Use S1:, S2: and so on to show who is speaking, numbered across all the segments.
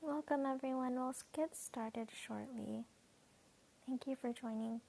S1: Welcome, everyone. We'll get started shortly. Thank you for joining.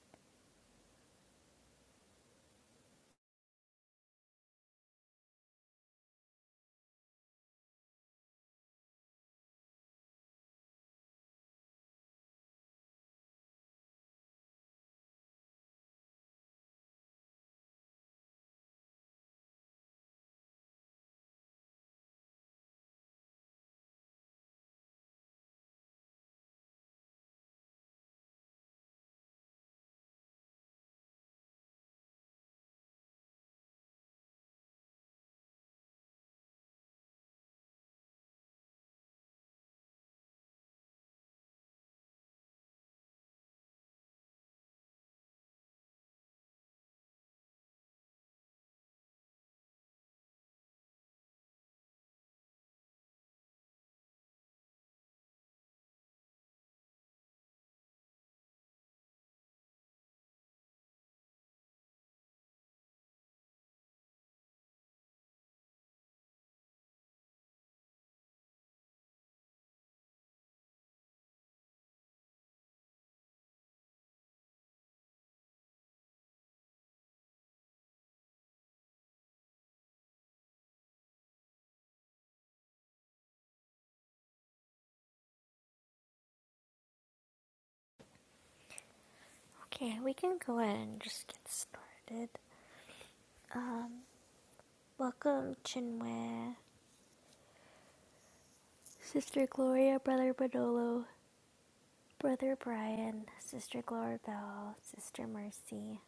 S1: Okay, we can go ahead and just get started. Um, welcome, Chinwe, Sister Gloria, Brother Badolo, Brother Brian, Sister Gloria Bell, Sister Mercy.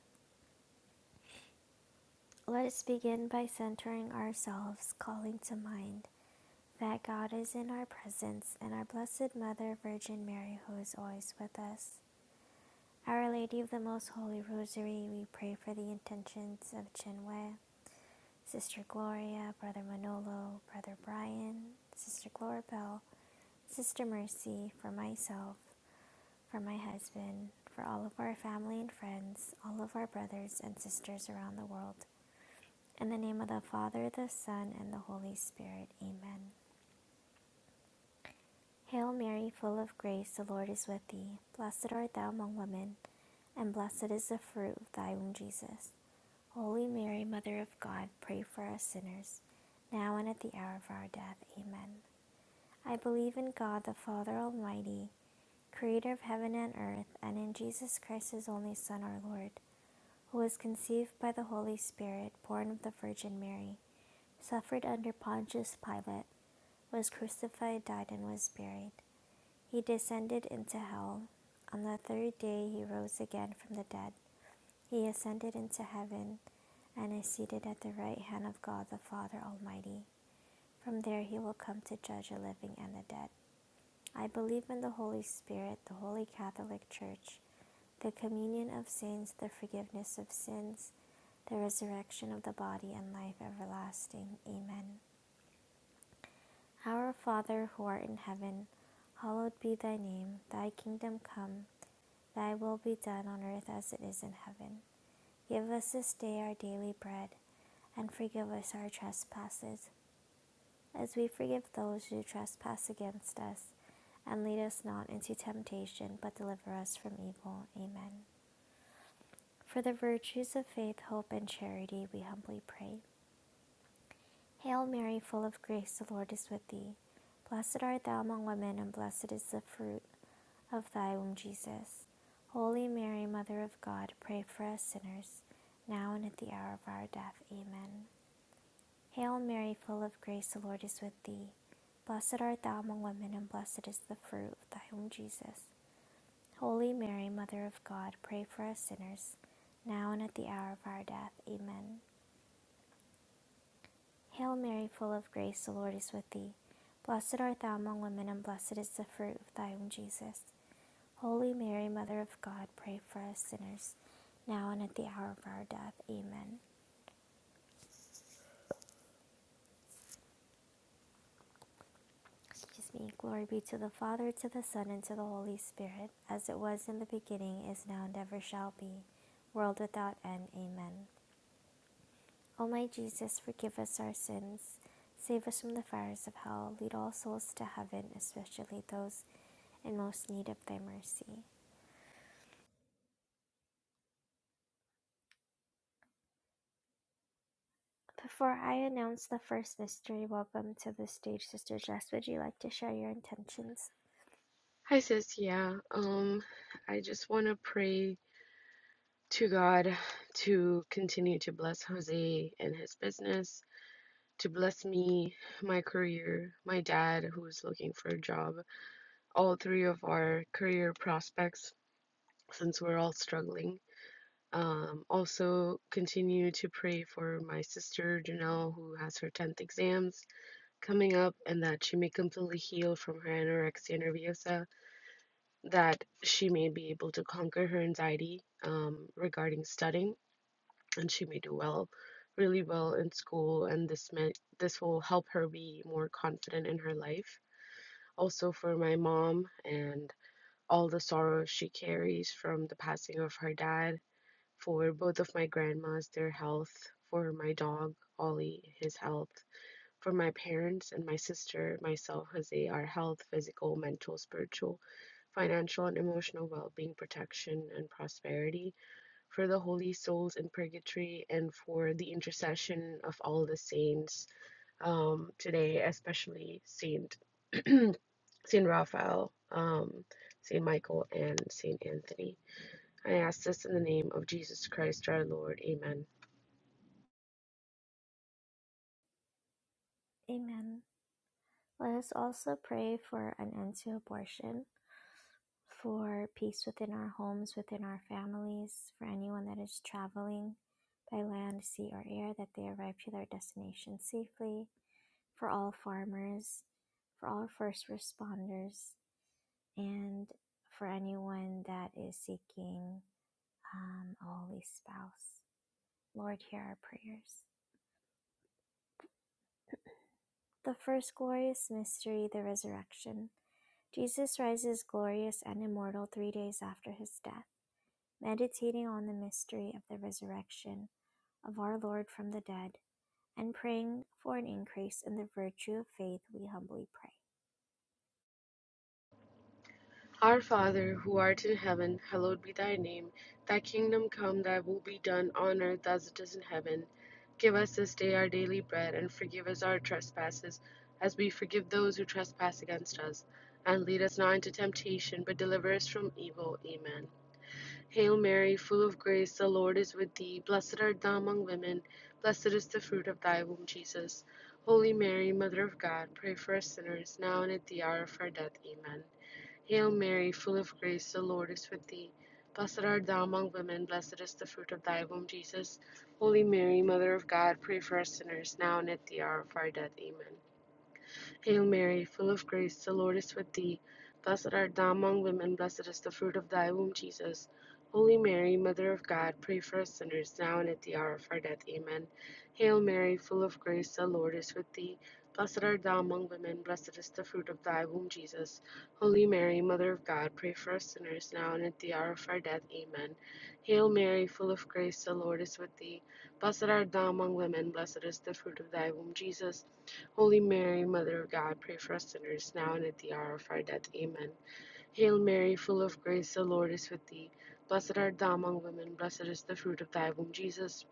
S1: Let us begin by centering ourselves, calling to mind that God is in our presence and our Blessed Mother Virgin Mary, who is always with us. Our Lady of the Most Holy Rosary, we pray for the intentions of Chen Wei, Sister Gloria, Brother Manolo, Brother Brian, Sister Glorabel, Sister Mercy, for myself, for my husband, for all of our family and friends, all of our brothers and sisters around the world. In the name of the Father, the Son, and the Holy Spirit. Amen. Hail Mary, full of grace, the Lord is with thee. Blessed art thou among women, and blessed is the fruit of thy womb, Jesus. Holy Mary, Mother of God, pray for us sinners, now and at the hour of our death. Amen. I believe in God, the Father Almighty, creator of heaven and earth, and in Jesus Christ, his only Son, our Lord, who was conceived by the Holy Spirit, born of the Virgin Mary, suffered under Pontius Pilate, was crucified, died, and was buried. He descended into hell. On the third day, he rose again from the dead. He ascended into heaven and is seated at the right hand of God the Father Almighty. From there he will come to judge the living and the dead. I believe in the Holy Spirit, the Holy Catholic Church, the communion of saints, the forgiveness of sins, the resurrection of the body, and life everlasting. Amen. Our Father who art in heaven, hallowed be thy name. Thy kingdom come, thy will be done on earth as it is in heaven. Give us this day our daily bread, and forgive us our trespasses as we forgive those who trespass against us. And lead us not into temptation, but deliver us from evil. Amen. For the virtues of faith, hope, and charity, we humbly pray. Hail Mary, full of grace, the Lord is with thee. Blessed art thou among women, and blessed is the fruit of thy womb, Jesus. Holy Mary, Mother of God, pray for us sinners, now and at the hour of our death. Amen. Hail Mary, full of grace, the Lord is with thee. Blessed art thou among women, and blessed is the fruit of thy womb, Jesus. Holy Mary, Mother of God, pray for us sinners, now and at the hour of our death. Amen. Hail Mary, full of grace, the Lord is with thee. Blessed art thou among women, and blessed is the fruit of thy womb, Jesus. Holy Mary, Mother of God, pray for us sinners, now and at the hour of our death. Amen. Excuse me. Glory be to the Father, to the Son, and to the Holy Spirit, as it was in the beginning, is now, and ever shall be, world without end. Amen. O my Jesus, forgive us our sins, save us from the fires of hell, lead all souls to heaven, especially those in most need of thy mercy. Before I announce the first mystery, welcome to the stage, Sister Jess. Would you like to share your intentions?
S2: Hi, sis. Yeah, um, I just want to pray to God to continue to bless Jose and his business, to bless me, my career, my dad, who's looking for a job, all three of our career prospects, since we're all struggling. Um, also, continue to pray for my sister Janelle, who has her 10th exams coming up, and that she may completely heal from her anorexia nerviosa that she may be able to conquer her anxiety um, regarding studying, and she may do well, really well in school, and this may, this will help her be more confident in her life. Also for my mom and all the sorrow she carries from the passing of her dad, for both of my grandmas, their health, for my dog Ollie, his health, for my parents and my sister, myself, Jose, our health, physical, mental, spiritual, financial, and emotional well being, protection, and prosperity. For the holy souls in purgatory, and for the intercession of all the saints um, today, especially Saint, Saint Raphael, um, Saint Michael, and Saint Anthony. I ask this in the name of Jesus Christ our Lord. Amen.
S1: Amen. Let us also pray for an end to abortion for peace within our homes, within our families, for anyone that is traveling by land, sea, or air, that they arrive to their destination safely, for all farmers, for all first responders, and for anyone that is seeking um, a holy spouse. Lord, hear our prayers. The first glorious mystery, the resurrection. Jesus rises glorious and immortal three days after his death. meditating on the mystery of the resurrection of our Lord from the dead, and praying for an increase in the virtue of faith, we humbly pray.
S2: Our Father, who art in heaven, hallowed be thy name. Thy kingdom come, thy will be done on earth as it is in heaven. Give us this day our daily bread, and forgive us our trespasses, as we forgive those who trespass against us. And lead us not into temptation, but deliver us from evil. Amen. Hail Mary, full of grace, the Lord is with thee. Blessed art thou among women, blessed is the fruit of thy womb, Jesus. Holy Mary, Mother of God, pray for us sinners, now and at the hour of our death. Amen. Hail Mary, full of grace, the Lord is with thee. Blessed art thou among women, blessed is the fruit of thy womb, Jesus. Holy Mary, Mother of God, pray for us sinners, now and at the hour of our death. Amen. Hail Mary, full of grace, the Lord is with thee. Blessed art thou among women, blessed is the fruit of thy womb, Jesus. Holy Mary, Mother of God, pray for us sinners now and at the hour of our death. Amen. Hail Mary, full of grace, the Lord is with thee. Blessed art thou among women, blessed is the fruit of thy womb, Jesus. Holy Mary, Mother of God, pray for us sinners now and at the hour of our death. Amen. Hail Mary, full of grace, the Lord is with thee. Blessed art thou among women, blessed is the fruit of thy womb, Jesus. Holy Mary, Mother of God, pray for us sinners, now and at the hour of our death. Amen. Hail Mary, full of grace, the Lord is with thee. Blessed art thou among women, blessed is the fruit of thy womb, Jesus.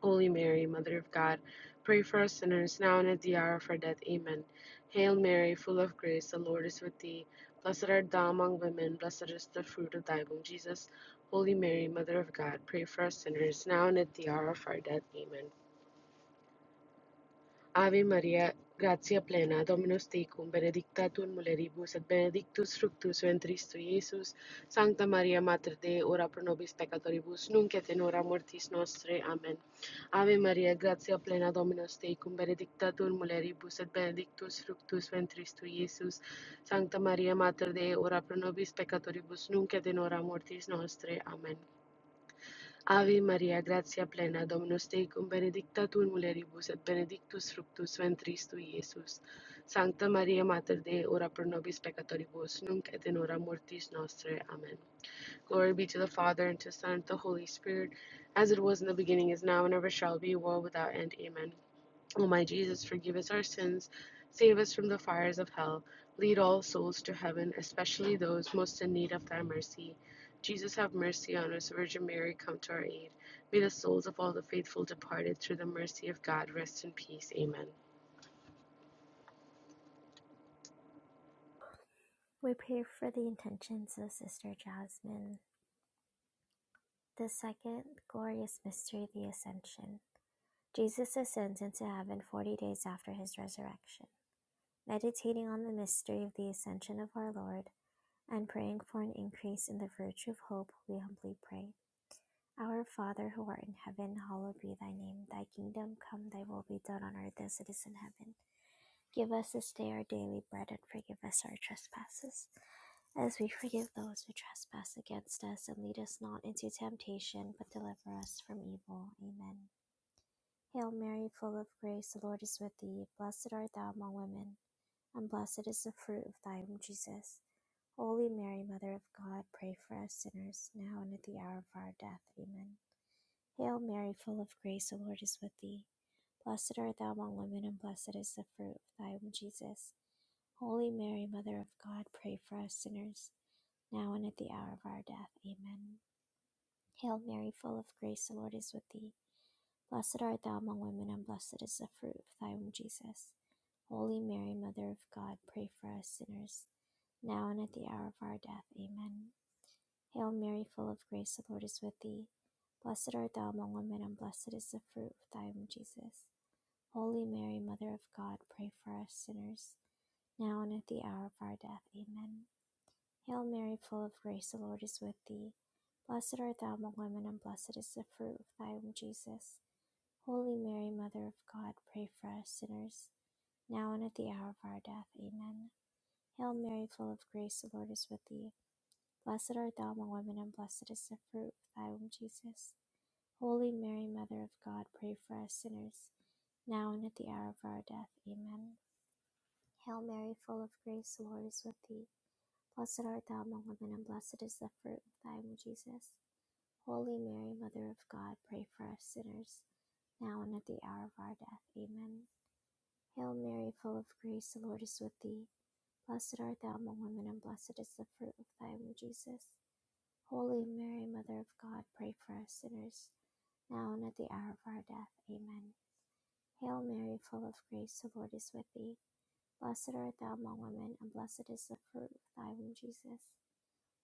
S2: Holy Mary, Mother of God, pray for us sinners, now and at the hour of our death. Amen. Hail Mary, full of grace, the Lord is with thee. Blessed art thou among women, blessed is the fruit of thy womb, Jesus. Holy Mary, Mother of God, pray for us sinners, now and at the hour of our death. Amen. Ave Maria, gratia plena, Dominus tecum, benedicta tu in mulieribus, et benedictus fructus ventris tui, Iesus. Sancta Maria, Mater Dei, ora pro nobis peccatoribus, nunc et in hora mortis nostre. Amen. Ave Maria, gratia plena, Dominus tecum, benedicta tu in mulieribus, et benedictus fructus ventris tui, Iesus. Sancta Maria, Mater Dei, ora pro nobis peccatoribus, nunc et in hora mortis nostre. Amen. Ave Maria, gratia plena, Dominus tecum, benedicta tu in mulieribus, et benedictus fructus ventris tui, Iesus. Sancta Maria, Mater Dei, ora pro nobis peccatoribus, nunc et in hora mortis nostrae. Amen. Glory be to the Father, and to the Son, and to the Holy Spirit, as it was in the beginning, is now, and ever shall be, world without end. Amen. O my Jesus, forgive us our sins, save us from the fires of hell, lead all souls to heaven, especially those most in need of thy mercy. Jesus, have mercy on us. Virgin Mary, come to our aid. May the souls of all the faithful departed through the mercy of God rest in peace. Amen.
S1: We pray for the intentions of Sister Jasmine. The second glorious mystery, the Ascension. Jesus ascends into heaven 40 days after his resurrection. Meditating on the mystery of the Ascension of our Lord, and praying for an increase in the virtue of hope, we humbly pray. Our Father who art in heaven, hallowed be thy name. Thy kingdom come, thy will be done on earth as it is in heaven. Give us this day our daily bread and forgive us our trespasses, as we forgive those who trespass against us. And lead us not into temptation, but deliver us from evil. Amen. Hail Mary, full of grace, the Lord is with thee. Blessed art thou among women, and blessed is the fruit of thy womb, Jesus. Holy Mary, Mother of God, pray for us sinners, now and at the hour of our death. Amen. Hail Mary, full of grace, the Lord is with thee. Blessed art thou among women, and blessed is the fruit of thy womb, Jesus. Holy Mary, Mother of God, pray for us sinners, now and at the hour of our death. Amen. Hail Mary, full of grace, the Lord is with thee. Blessed art thou among women, and blessed is the fruit of thy womb, Jesus. Holy Mary, Mother of God, pray for us sinners, now and at the hour of our death. Amen. Hail Mary, full of grace, the Lord is with thee. Blessed art thou among women, and blessed is the fruit of thy womb, Jesus. Holy Mary, Mother of God, pray for us sinners, now and at the hour of our death. Amen. Hail Mary, full of grace, the Lord is with thee. Blessed art thou among women, and blessed is the fruit of thy womb, Jesus. Holy Mary, Mother of God, pray for us sinners, now and at the hour of our death. Amen. Hail Mary, full of grace, the Lord is with thee. Blessed art thou among women, and blessed is the fruit of thy womb, Jesus. Holy Mary, Mother of God, pray for us sinners, now and at the hour of our death. Amen. Hail Mary, full of grace, the Lord is with thee. Blessed art thou among women, and blessed is the fruit of thy womb, Jesus. Holy Mary, Mother of God, pray for us sinners, now and at the hour of our death. Amen. Hail Mary, full of grace, the Lord is with thee. Blessed art thou among women, and blessed is the fruit of thy womb, Jesus. Holy Mary, Mother of God, pray for us sinners, now and at the hour of our death. Amen. Hail Mary, full of grace, the Lord is with thee. Blessed art thou among women, and blessed is the fruit of thy womb, Jesus.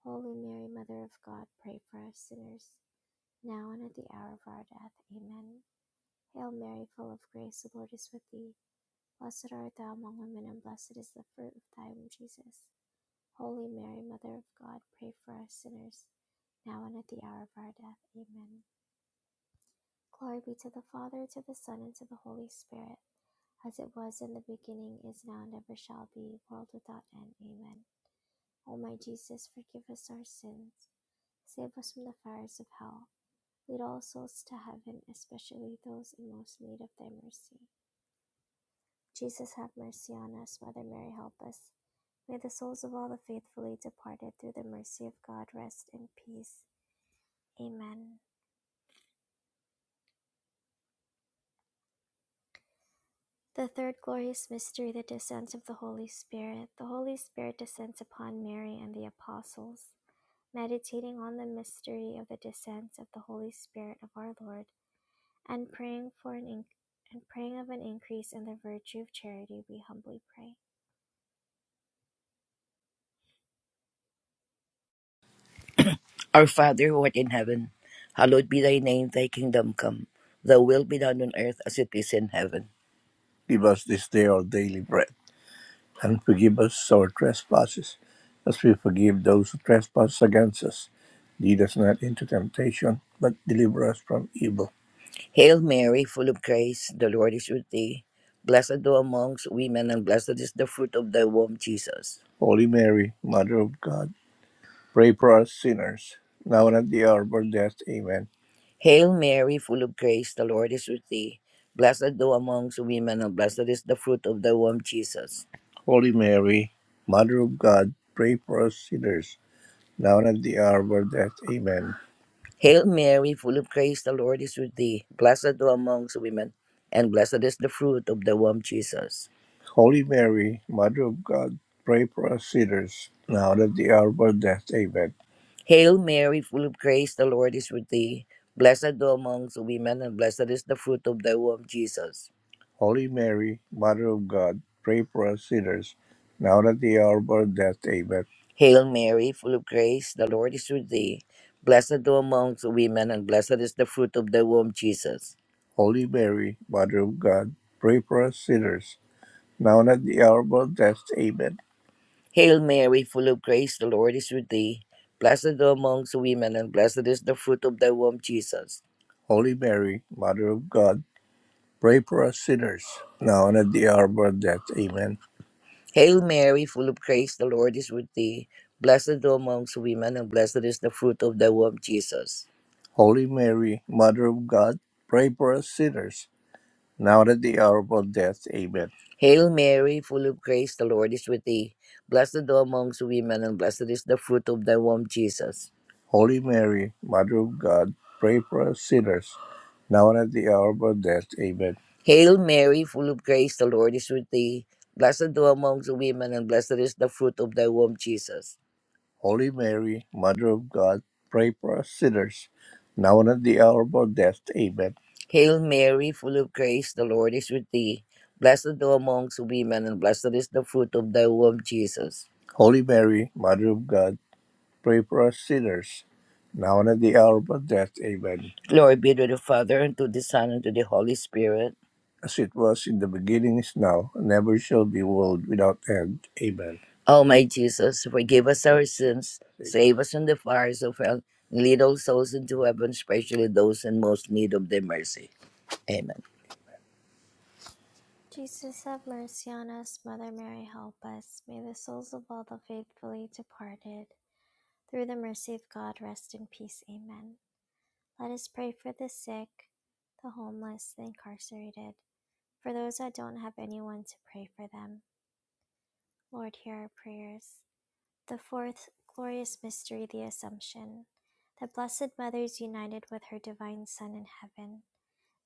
S1: Holy Mary, Mother of God, pray for us sinners, now and at the hour of our death. Amen. Hail Mary, full of grace, the Lord is with thee. Blessed art thou among women, and blessed is the fruit of thy womb, Jesus. Holy Mary, Mother of God, pray for us sinners, now and at the hour of our death. Amen. Glory be to the Father, to the Son, and to the Holy Spirit, as it was in the beginning, is now, and ever shall be, world without end. Amen. O my Jesus, forgive us our sins. Save us from the fires of hell. Lead all souls to heaven, especially those in most need of thy mercy. Jesus, have mercy on us. Mother Mary, help us. May the souls of all the faithfully departed, through the mercy of God, rest in peace. Amen. The third glorious mystery, the descent of the Holy Spirit. The Holy Spirit descends upon Mary and the apostles. Meditating on the mystery of the descent of the Holy Spirit of our Lord, and praying for an inc- and praying of an increase in the virtue of charity, we humbly pray.
S3: Our Father who art in heaven, hallowed be thy name, thy kingdom come. Thy will be done on earth as it is in heaven. Give us this day our daily bread, and forgive us our trespasses, as we forgive those who trespass against us. Lead us not into temptation, but deliver us from evil. Hail Mary, full of grace, the Lord is with thee. Blessed thou amongst women, and blessed is the fruit of thy womb, Jesus. Holy Mary, Mother of God, Pray for us sinners, now and at the hour of our death. Amen. Hail Mary, full of grace, the Lord is with thee. Blessed art thou amongst women, and blessed is the fruit of thy womb, Jesus. Holy Mary, Mother of God, pray for us sinners, now and at the hour of our death. Amen. Hail Mary, full of grace, the Lord is with thee. Blessed thou amongst women, and blessed is the fruit of the womb, Jesus. Holy Mary, Mother of God, pray for us sinners, now and at the hour of our death. Amen. Hail Mary, full of grace, the Lord is with thee. Blessed thou amongst women, and blessed is the fruit of thy womb, Jesus. Holy Mary, Mother of God, pray for us sinners, now and at the hour of our death. Amen. Hail Mary, full of grace, the Lord is with thee. Blessed thou amongst women, and blessed is the fruit of thy womb, Jesus. Holy Mary, Mother of God, pray for us sinners, now and at the hour of our death. Amen. Hail Mary, full of grace, the Lord is with thee. Blessed thou amongst women, and blessed is the fruit of thy womb, Jesus. Holy Mary, Mother of God, pray for us sinners, now and at the hour of our death. Amen. Hail Mary, full of grace, the Lord is with thee. Blessed thou amongst women, and blessed is the fruit of thy womb, Jesus. Holy Mary, Mother of God, pray for us sinners, now and at the hour of our death. Amen. Hail Mary, full of grace, the Lord is with thee. Blessed thou amongst women, and blessed is the fruit of thy womb, Jesus. Holy Mary, Mother of God, pray for us sinners, now and at the hour of our death. Amen. Hail Mary, full of grace, the Lord is with thee. Blessed thou amongst women, and blessed is the fruit of thy womb, Jesus. Holy Mary, Mother of God, pray for us sinners, now and at the hour of our death. Amen. Hail Mary, full of grace, the Lord is with thee. Blessed thou amongst women, and blessed is the fruit of thy womb, Jesus. Holy Mary, Mother of God, Pray for us sinners, now and at the hour of our death. Amen. Glory be to the Father, and to the Son, and to the Holy Spirit. As it was in the beginning, is now, and ever shall be, world without end. Amen. O my Jesus, forgive us our sins, save us from the fires of hell, and lead all souls into heaven, especially those in most need of thy mercy. Amen.
S1: Jesus, have mercy on us. Mother Mary, help us. May the souls of all the faithfully departed, through the mercy of God, rest in peace. Amen. Let us pray for the sick, the homeless, the incarcerated, for those that don't have anyone to pray for them. Lord, hear our prayers. The fourth glorious mystery, the Assumption. The Blessed Mother is united with her Divine Son in heaven.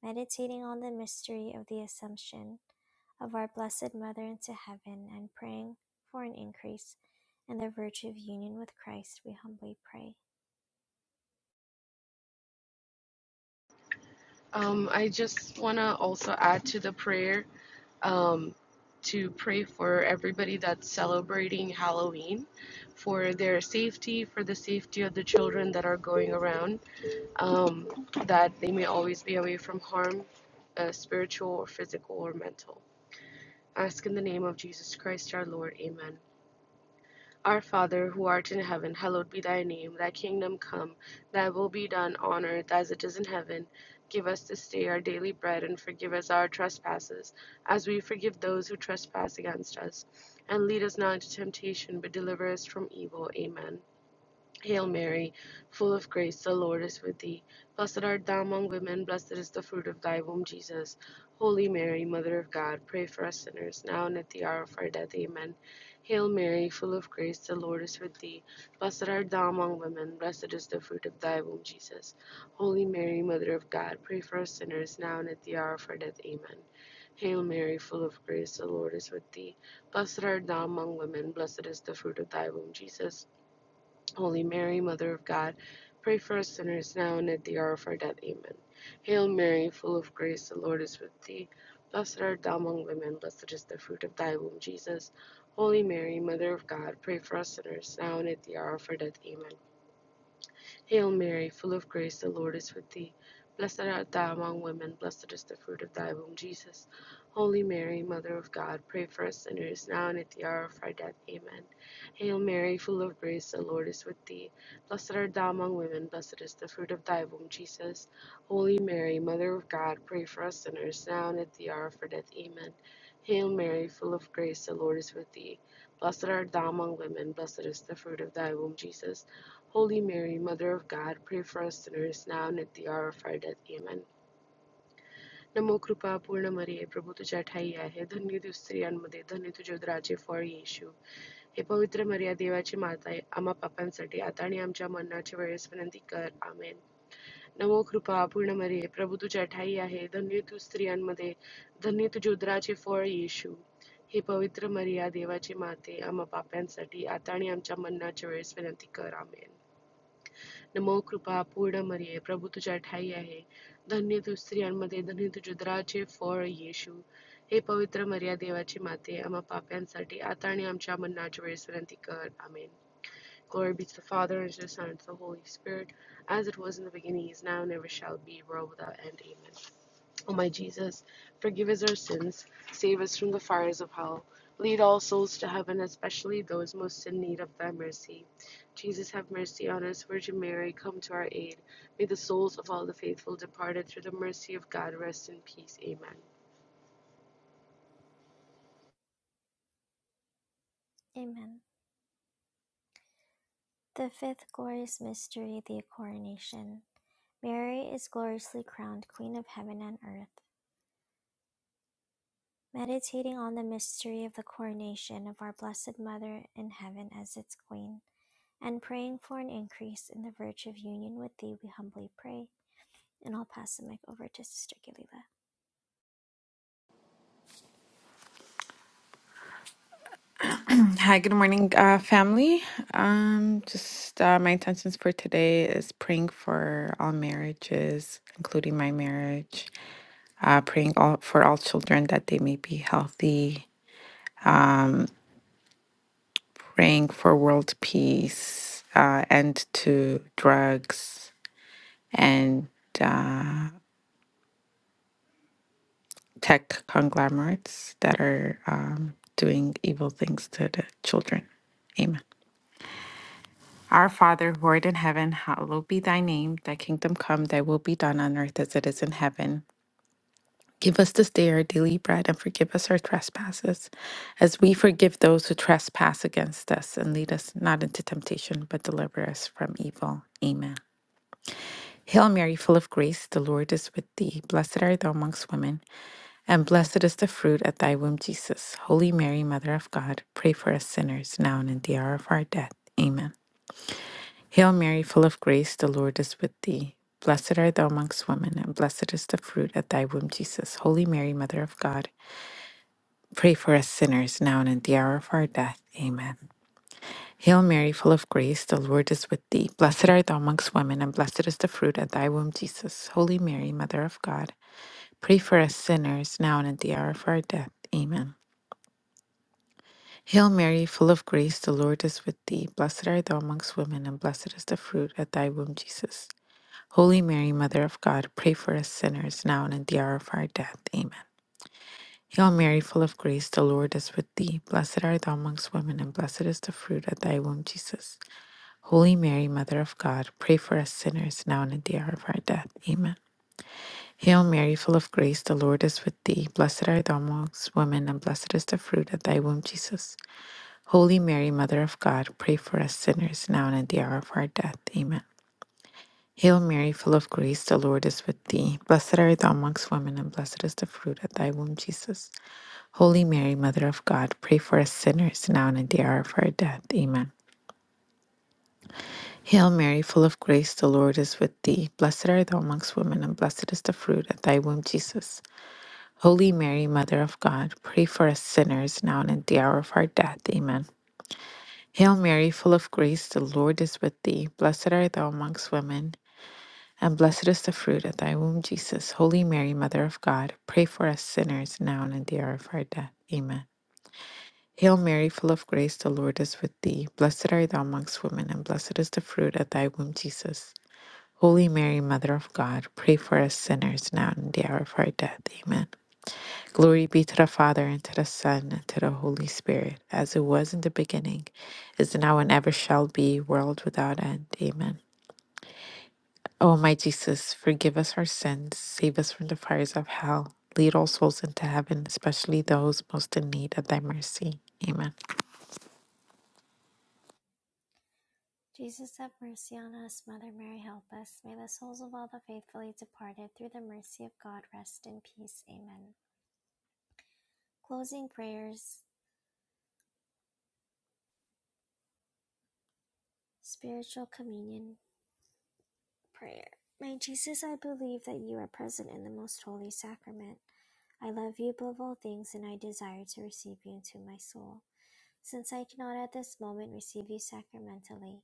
S1: meditating on the mystery of the Assumption of our Blessed Mother into heaven, and praying for an increase in the virtue of union with Christ, we humbly pray.
S2: Um, I just want to also add to the prayer um, to pray for everybody that's celebrating Halloween, for their safety, for the safety of the children that are going around um, that they may always be away from harm, uh, spiritual or physical or mental. Ask in the name of Jesus Christ our Lord. Amen. Our Father, who art in heaven, hallowed be thy name. Thy kingdom come, thy will be done on earth as it is in heaven. Give us this day our daily bread and forgive us our trespasses, as we forgive those who trespass against us. And lead us not into temptation, but deliver us from evil. Amen. Hail Mary, full of grace, the Lord is with thee. Blessed art thou among women, blessed is the fruit of thy womb, Jesus. Holy Mary, Mother of God, pray for us sinners, now and at the hour of our death. Amen. Hail Mary, full of grace, the Lord is with thee. Blessed art thou among women, blessed is the fruit of thy womb, Jesus. Holy Mary, Mother of God, pray for us sinners, now and at the hour of our death. Amen. Hail Mary, full of grace, the Lord is with thee. Blessed art thou among women, blessed is the fruit of thy womb, Jesus. Holy Mary, Mother of God, pray for us sinners now and at the hour of our death. Amen. Hail Mary, full of grace, the Lord is with thee. Blessed art thou among women, blessed is the fruit of thy womb, Jesus. Holy Mary, Mother of God, pray for us sinners now and at the hour of our death. Amen. Hail Mary, full of grace, the Lord is with thee. Blessed art thou among women, blessed is the fruit of thy womb, Jesus. Holy Mary, Mother of God, pray for us sinners now and at the hour of our death. Amen. Hail Mary, full of grace, the Lord is with thee. Blessed art thou among women, blessed is the fruit of thy womb, Jesus. Holy Mary, Mother of God, pray for us sinners now and at the hour of our death. Amen. Hail Mary, full of grace, the Lord is with thee. Blessed art thou among women, blessed is the fruit of thy womb, Jesus. Holy Mary, Mother of God, pray for us sinners now and at the hour of our death, Amen. Now, O Crowned Queen of Mary, grant us the grace to be worthy of your blessings. May your child Jesus be with us always. Amen. Now, O Crowned Queen of Mary, grant us the grace to be worthy of your blessings. May your child Jesus be with us always. Amen. नमो कृपा पूर्ण मरिये प्रभु तुझ्या ठाई आहे धन्य तू स्त्रियांमध्ये धन्य तुझे उदराचे फळ येशू हे पवित्र मरिया देवाची माते आम्हा पाप्यांसाठी आता आणि आमच्या मरणाच्या वेळेस विनंती कर आमेन Glory be to the Father and to the Son and to the Holy Spirit, as it was in the beginning, is now, and ever shall be, world without end. Amen. O my Jesus, forgive us our sins, save us from the fires of hell, lead all souls to heaven, especially those most in need of thy mercy. Jesus, have mercy on us. Virgin Mary, come to our aid. May the souls of all the faithful departed through the mercy of God rest in peace. Amen.
S1: Amen. The fifth glorious mystery, the coronation. Mary is gloriously crowned Queen of Heaven and Earth. Meditating on the mystery of the coronation of our Blessed Mother in heaven as its Queen, and praying for an increase in the virtue of union with Thee, we humbly pray. And I'll pass the mic over to Sister Galila.
S4: Hi, good morning, uh, family. Um, just uh, my intentions for today is praying for all marriages, including my marriage, uh, praying all, for all children that they may be healthy, praying for world peace, uh, end to drugs and uh, tech conglomerates that are um, doing evil things to the children. Amen. Our Father, who art in heaven, hallowed be thy name. Thy kingdom come, thy will be done on earth as it is in heaven. Give us this day our daily bread and forgive us our trespasses, as we forgive those who trespass against us. And lead us not into temptation, but deliver us from evil. Amen. Hail Mary, full of grace, the Lord is with thee. Blessed art thou amongst women, and blessed is the fruit of thy womb, Jesus. Holy Mary, Mother of God, pray for us sinners, now and in the hour of our death. Amen. Hail Mary, full of grace, the Lord is with thee. Blessed art thou amongst women, and blessed is the fruit of thy womb, Jesus. Holy Mary, Mother of God, pray for us sinners now and at the hour of our death. Amen. Hail Mary, full of grace, the Lord is with thee. Blessed art thou amongst women, and blessed is the fruit of thy womb, Jesus. Holy Mary, Mother of God, pray for us sinners now and at the hour of our death. Amen. Hail Mary, full of grace, the Lord is with thee. Blessed art thou amongst women, and blessed is the fruit of thy womb, Jesus. Holy Mary, Mother of God, pray for us sinners now and at the hour of our death. Amen. Hail Mary, full of grace, the Lord is with thee. Blessed art thou amongst women, and blessed is the fruit of thy womb, Jesus. Holy Mary, Mother of God, pray for us sinners now and at the hour of our death. Amen. Hail Mary, full of grace, the Lord is with thee. Blessed art thou amongst women, and blessed is the fruit of thy womb, Jesus. Holy Mary, Mother of God, pray for us sinners now and at the hour of our death. Amen. Hail Mary, full of grace, the Lord is with thee. Blessed art thou amongst women, and blessed is the fruit of thy womb, Jesus. Holy Mary, Mother of God, pray for us sinners now and at the hour of our death. Amen. Hail Mary, full of grace, the Lord is with thee. Blessed art thou amongst women, and blessed is the fruit of thy womb, Jesus. Holy Mary, Mother of God, pray for us sinners now and at the hour of our death. Amen. Hail Mary, full of grace, the Lord is with thee. Blessed art thou amongst women And blessed is the fruit of thy womb, Jesus. Holy Mary, Mother of God, pray for us sinners now and at the hour of our death. Amen. Hail Mary, full of grace, the Lord is with thee. Blessed art thou amongst women, and blessed is the fruit of thy womb, Jesus. Holy Mary, Mother of God, pray for us sinners now and at the hour of our death. Amen. Glory be to the Father, and to the Son, and to the Holy Spirit, as it was in the beginning, is now, and ever shall be, world without end. Amen. O my Jesus, forgive us our sins, save us from the fires of hell, lead all souls into heaven, especially those most in need of thy mercy. Amen.
S1: Jesus, have mercy on us. Mother Mary, help us. May the souls of all the faithfully departed, through the mercy of God, rest in peace. Amen. Closing prayers, spiritual communion prayer. My Jesus, I believe that you are present in the most holy sacrament. I love you above all things, and I desire to receive you into my soul. Since I cannot at this moment receive you sacramentally,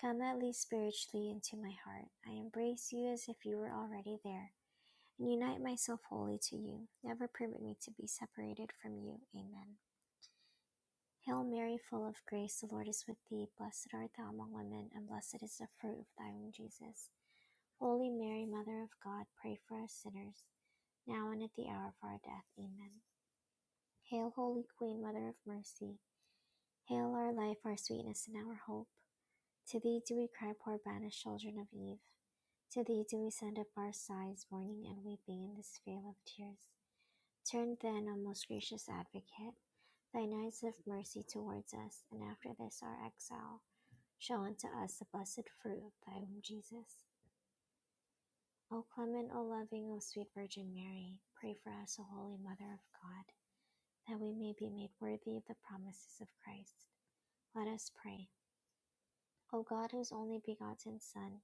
S1: come at least spiritually into my heart. I embrace you as if you were already there Unite myself wholly to you. Never permit me to be separated from you. Amen. Hail Mary, full of grace, the Lord is with thee. Blessed art thou among women, and blessed is the fruit of thy womb, Jesus. Holy Mary, Mother of God, pray for us sinners, now and at the hour of our death. Amen. Hail, Holy Queen, Mother of Mercy. Hail our life, our sweetness, and our hope. To thee do we cry, poor banished children of Eve. To thee do we send up our sighs, mourning and weeping in this vale of tears. Turn then, O most gracious Advocate, thine eyes of mercy towards us, and after this our exile, show unto us the blessed fruit of thy womb, Jesus. O clement, O loving, O sweet Virgin Mary, pray for us, O holy Mother of God, that we may be made worthy of the promises of Christ. Let us pray. O God, whose only begotten Son,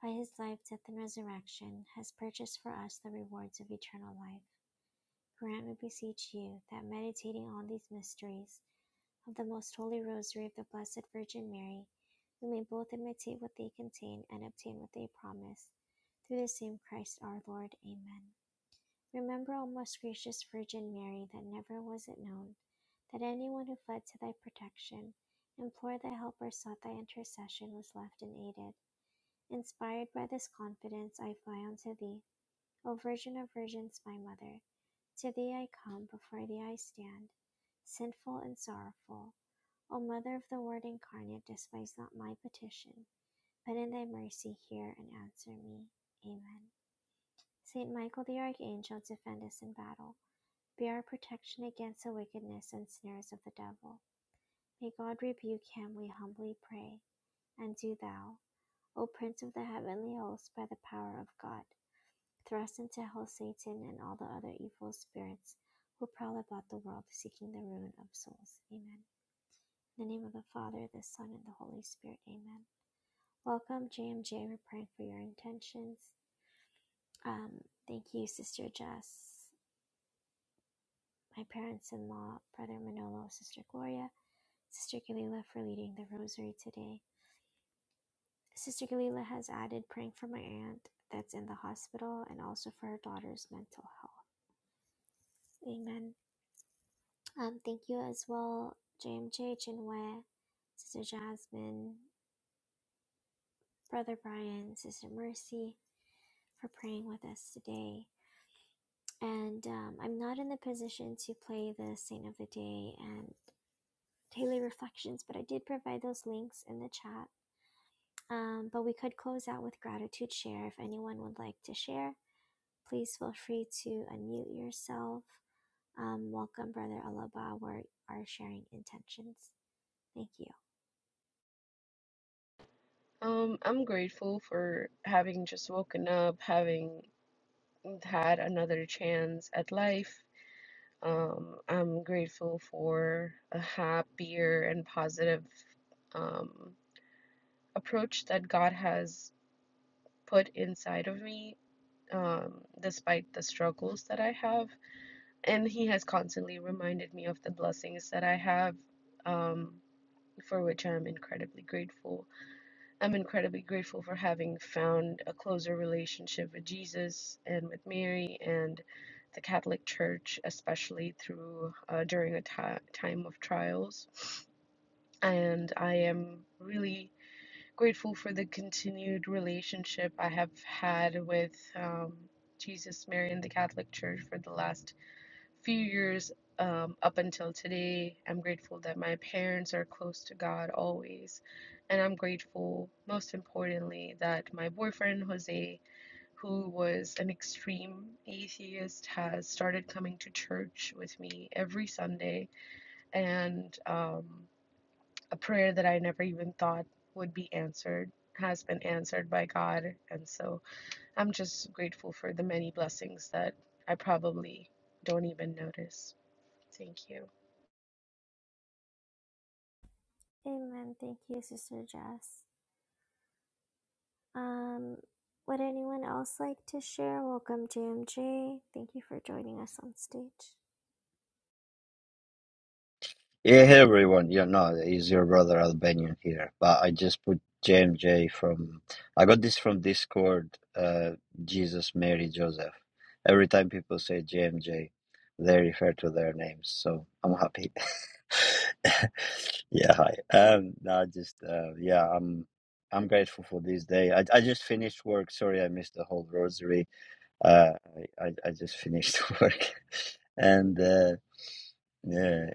S1: by his life, death, and resurrection, has purchased for us the rewards of eternal life, grant, we beseech you, that meditating on these mysteries, of the Most Holy Rosary of the Blessed Virgin Mary, we may both imitate what they contain and obtain what they promise. Through the same Christ our Lord. Amen. Remember, O most gracious Virgin Mary, that never was it known that anyone who fled to thy protection, implored thy help, or sought thy intercession was left unaided. Inspired by this confidence, I fly unto thee, O Virgin of Virgins, my Mother. To thee I come, before thee I stand, sinful and sorrowful. O Mother of the Word incarnate, despise not my petition, but in thy mercy hear and answer me. Amen. Saint Michael the Archangel, defend us in battle. Be our protection against the wickedness and snares of the devil. May God rebuke him, we humbly pray. And do thou, O Prince of the heavenly host, by the power of God, thrust into hell Satan and all the other evil spirits who prowl about the world seeking the ruin of souls. Amen. In the name of the Father, the Son, and the Holy Spirit. Amen. Welcome, JMJ. We're praying for your intentions. Um, thank you, Sister Jess, my parents in law, Brother Manolo, Sister Gloria, Sister Galila for leading the rosary today. Sister Galila has added praying for my aunt that's in the hospital and also for her daughter's mental health. Amen. Um, thank you as well, JMJ, Chinwe, Sister Jasmine, Brother Brian, Sister Mercy for praying with us today. and um, I'm not in the position to play the Saint of the Day and daily reflections, but I did provide those links in the chat. Um, but we could close out with gratitude share. If anyone would like to share, please feel free to unmute yourself. Um, welcome, Brother Alaba. We are sharing intentions. Thank you.
S2: Um, I'm grateful for having just woken up, having had another chance at life. Um, I'm grateful for a happier and positive um. approach that God has put inside of me um, despite the struggles that I have. And He has constantly reminded me of the blessings that I have, um, for which I'm incredibly grateful. I'm incredibly grateful for having found a closer relationship with Jesus and with Mary and the Catholic Church, especially through uh, during a ti time of trials. And I am really Grateful for the continued relationship I have had with um, Jesus, Mary, and the Catholic Church for the last few years um, up until today. I'm grateful that my parents are close to God always. And I'm grateful, most importantly, that my boyfriend, Jose, who was an extreme atheist, has started coming to church with me every Sunday. And, um, a prayer that I never even thought would be answered has been answered by God. And so I'm just grateful for the many blessings that I probably don't even notice. Thank you.
S1: Amen. Thank you, Sister Jess. Um, would anyone else like to share? Welcome, JMJ. Thank you for joining us on stage.
S5: Yeah, hey everyone. Yeah, no, is your brother Albanian here? But I just put JMJ from. I got this from Discord. Uh, Jesus, Mary, Joseph. Every time people say JMJ, they refer to their names. So I'm happy. Yeah, hi. Um, no, just uh, yeah, I'm I'm grateful for this day. I I just finished work. Sorry, I missed the whole rosary. Uh, I I, I just finished work, and uh, yeah.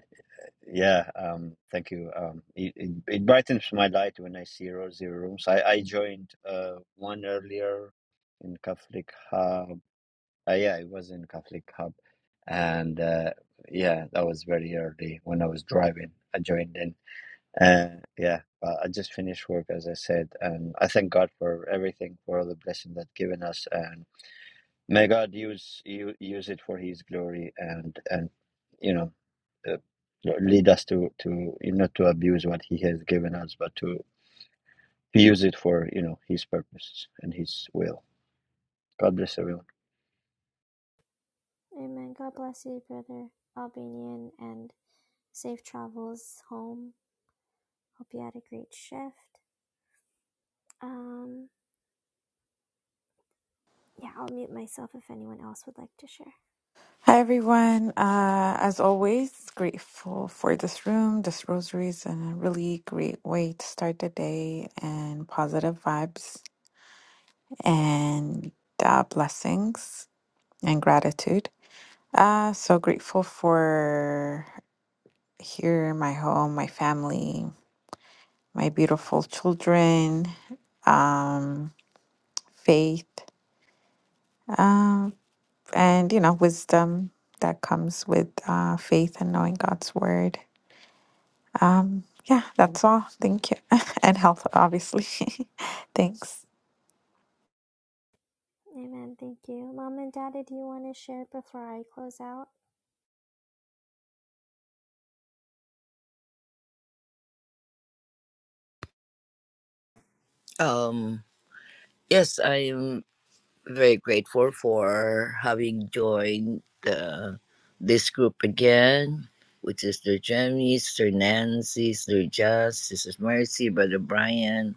S5: Yeah, um, thank you. Um, it, it, it brightens my light when I see Rosy Rooms. I, I joined uh, one earlier in Catholic Hub. Uh, yeah, it was in Catholic Hub. And uh, yeah, that was very early when I was driving. I joined in. Uh, yeah, uh, I just finished work, as I said. And I thank God for everything, for all the blessing that given us. And may God use, u- use it for His glory and, and you know uh, lead us to to you know to abuse what he has given us but to use it for you know his purposes and his will god bless everyone
S1: Amen. God bless you, Brother Albanian, and safe travels home. Hope you had a great shift. Um, yeah, I'll mute myself if anyone else would like to share.
S4: Hi, everyone. Uh, as always, grateful for this room. This rosary is a really great way to start the day and positive vibes and uh, blessings and gratitude. Uh, so grateful for here, my home, my family. my beautiful children, um, faith, uh, and you know, wisdom that comes with uh, faith and knowing God's word. Um, yeah, that's all. Thank you, and health, obviously. Thanks.
S1: Amen. Thank you. Mom and Daddy, do you want to share before I close out?
S3: Um, yes, I am. very grateful for having joined the, this group again, which is Sister Jamie, Sister Nancy, Sister Jess, Sister Mercy, Brother Brian,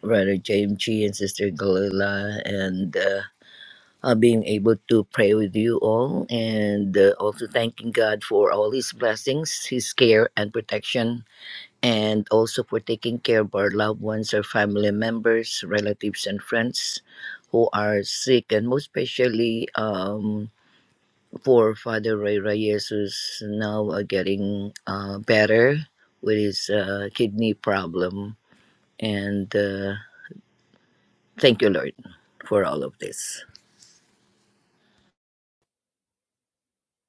S3: Brother James G, and Sister Galila, and uh, uh, being able to pray with you all, and uh, also thanking God for all His blessings, His care, and protection and also for taking care of our loved ones our family members, relatives, and friends who are sick, and most especially um, for Father Ray Reyes, who's now uh, getting uh, better with his uh, kidney problem. And uh, thank you, Lord, for all of this.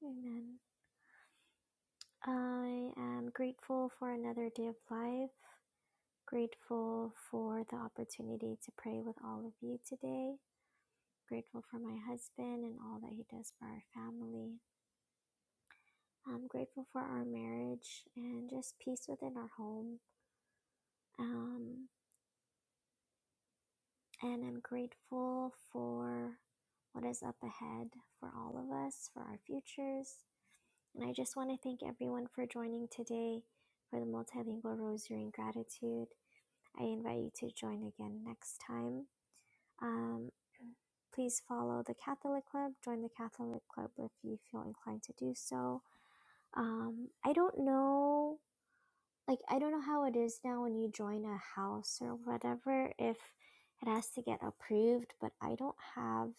S1: Amen. I am grateful for another day of life, grateful for the opportunity to pray with all of you today, grateful for my husband and all that he does for our family. I'm grateful for our marriage and just peace within our home. Um, and I'm grateful for what is up ahead for all of us, for our futures. And I just want to thank everyone for joining today for the Multilingual Rosary and Gratitude. I invite you to join again next time. Um, please follow the Catholic Club. Join the Catholic Club if you feel inclined to do so. Um, I don't know like I don't know how it is now when you join a house or whatever if it has to get approved, but I don't have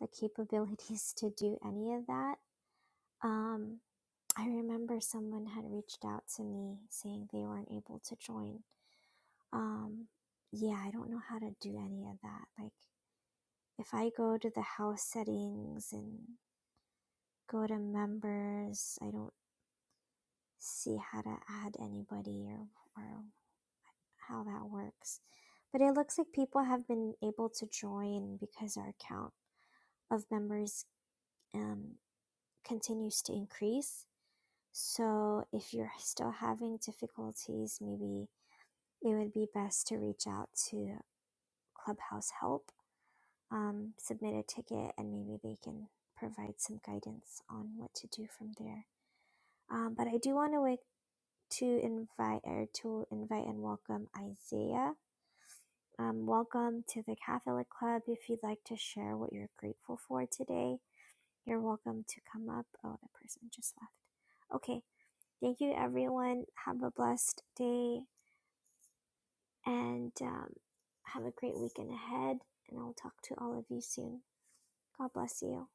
S1: the capabilities to do any of that. Um, I remember someone had reached out to me saying they weren't able to join. Um, yeah, I don't know how to do any of that. Like if I go to the house settings and go to members, I don't see how to add anybody or or how that works. But it looks like people have been able to join because our count of members um, continues to increase. So if you're still having difficulties, maybe it would be best to reach out to Clubhouse Help, um, submit a ticket, and maybe they can provide some guidance on what to do from there. Um, but I do want to to invite or to invite and welcome Isaiah Um, welcome to the Catholic Club. If you'd like to share what you're grateful for today, you're welcome to come up. Oh, that person just left. Okay. Thank you, everyone. Have a blessed day and um, have a great weekend ahead. And I'll talk to all of you soon. God bless you.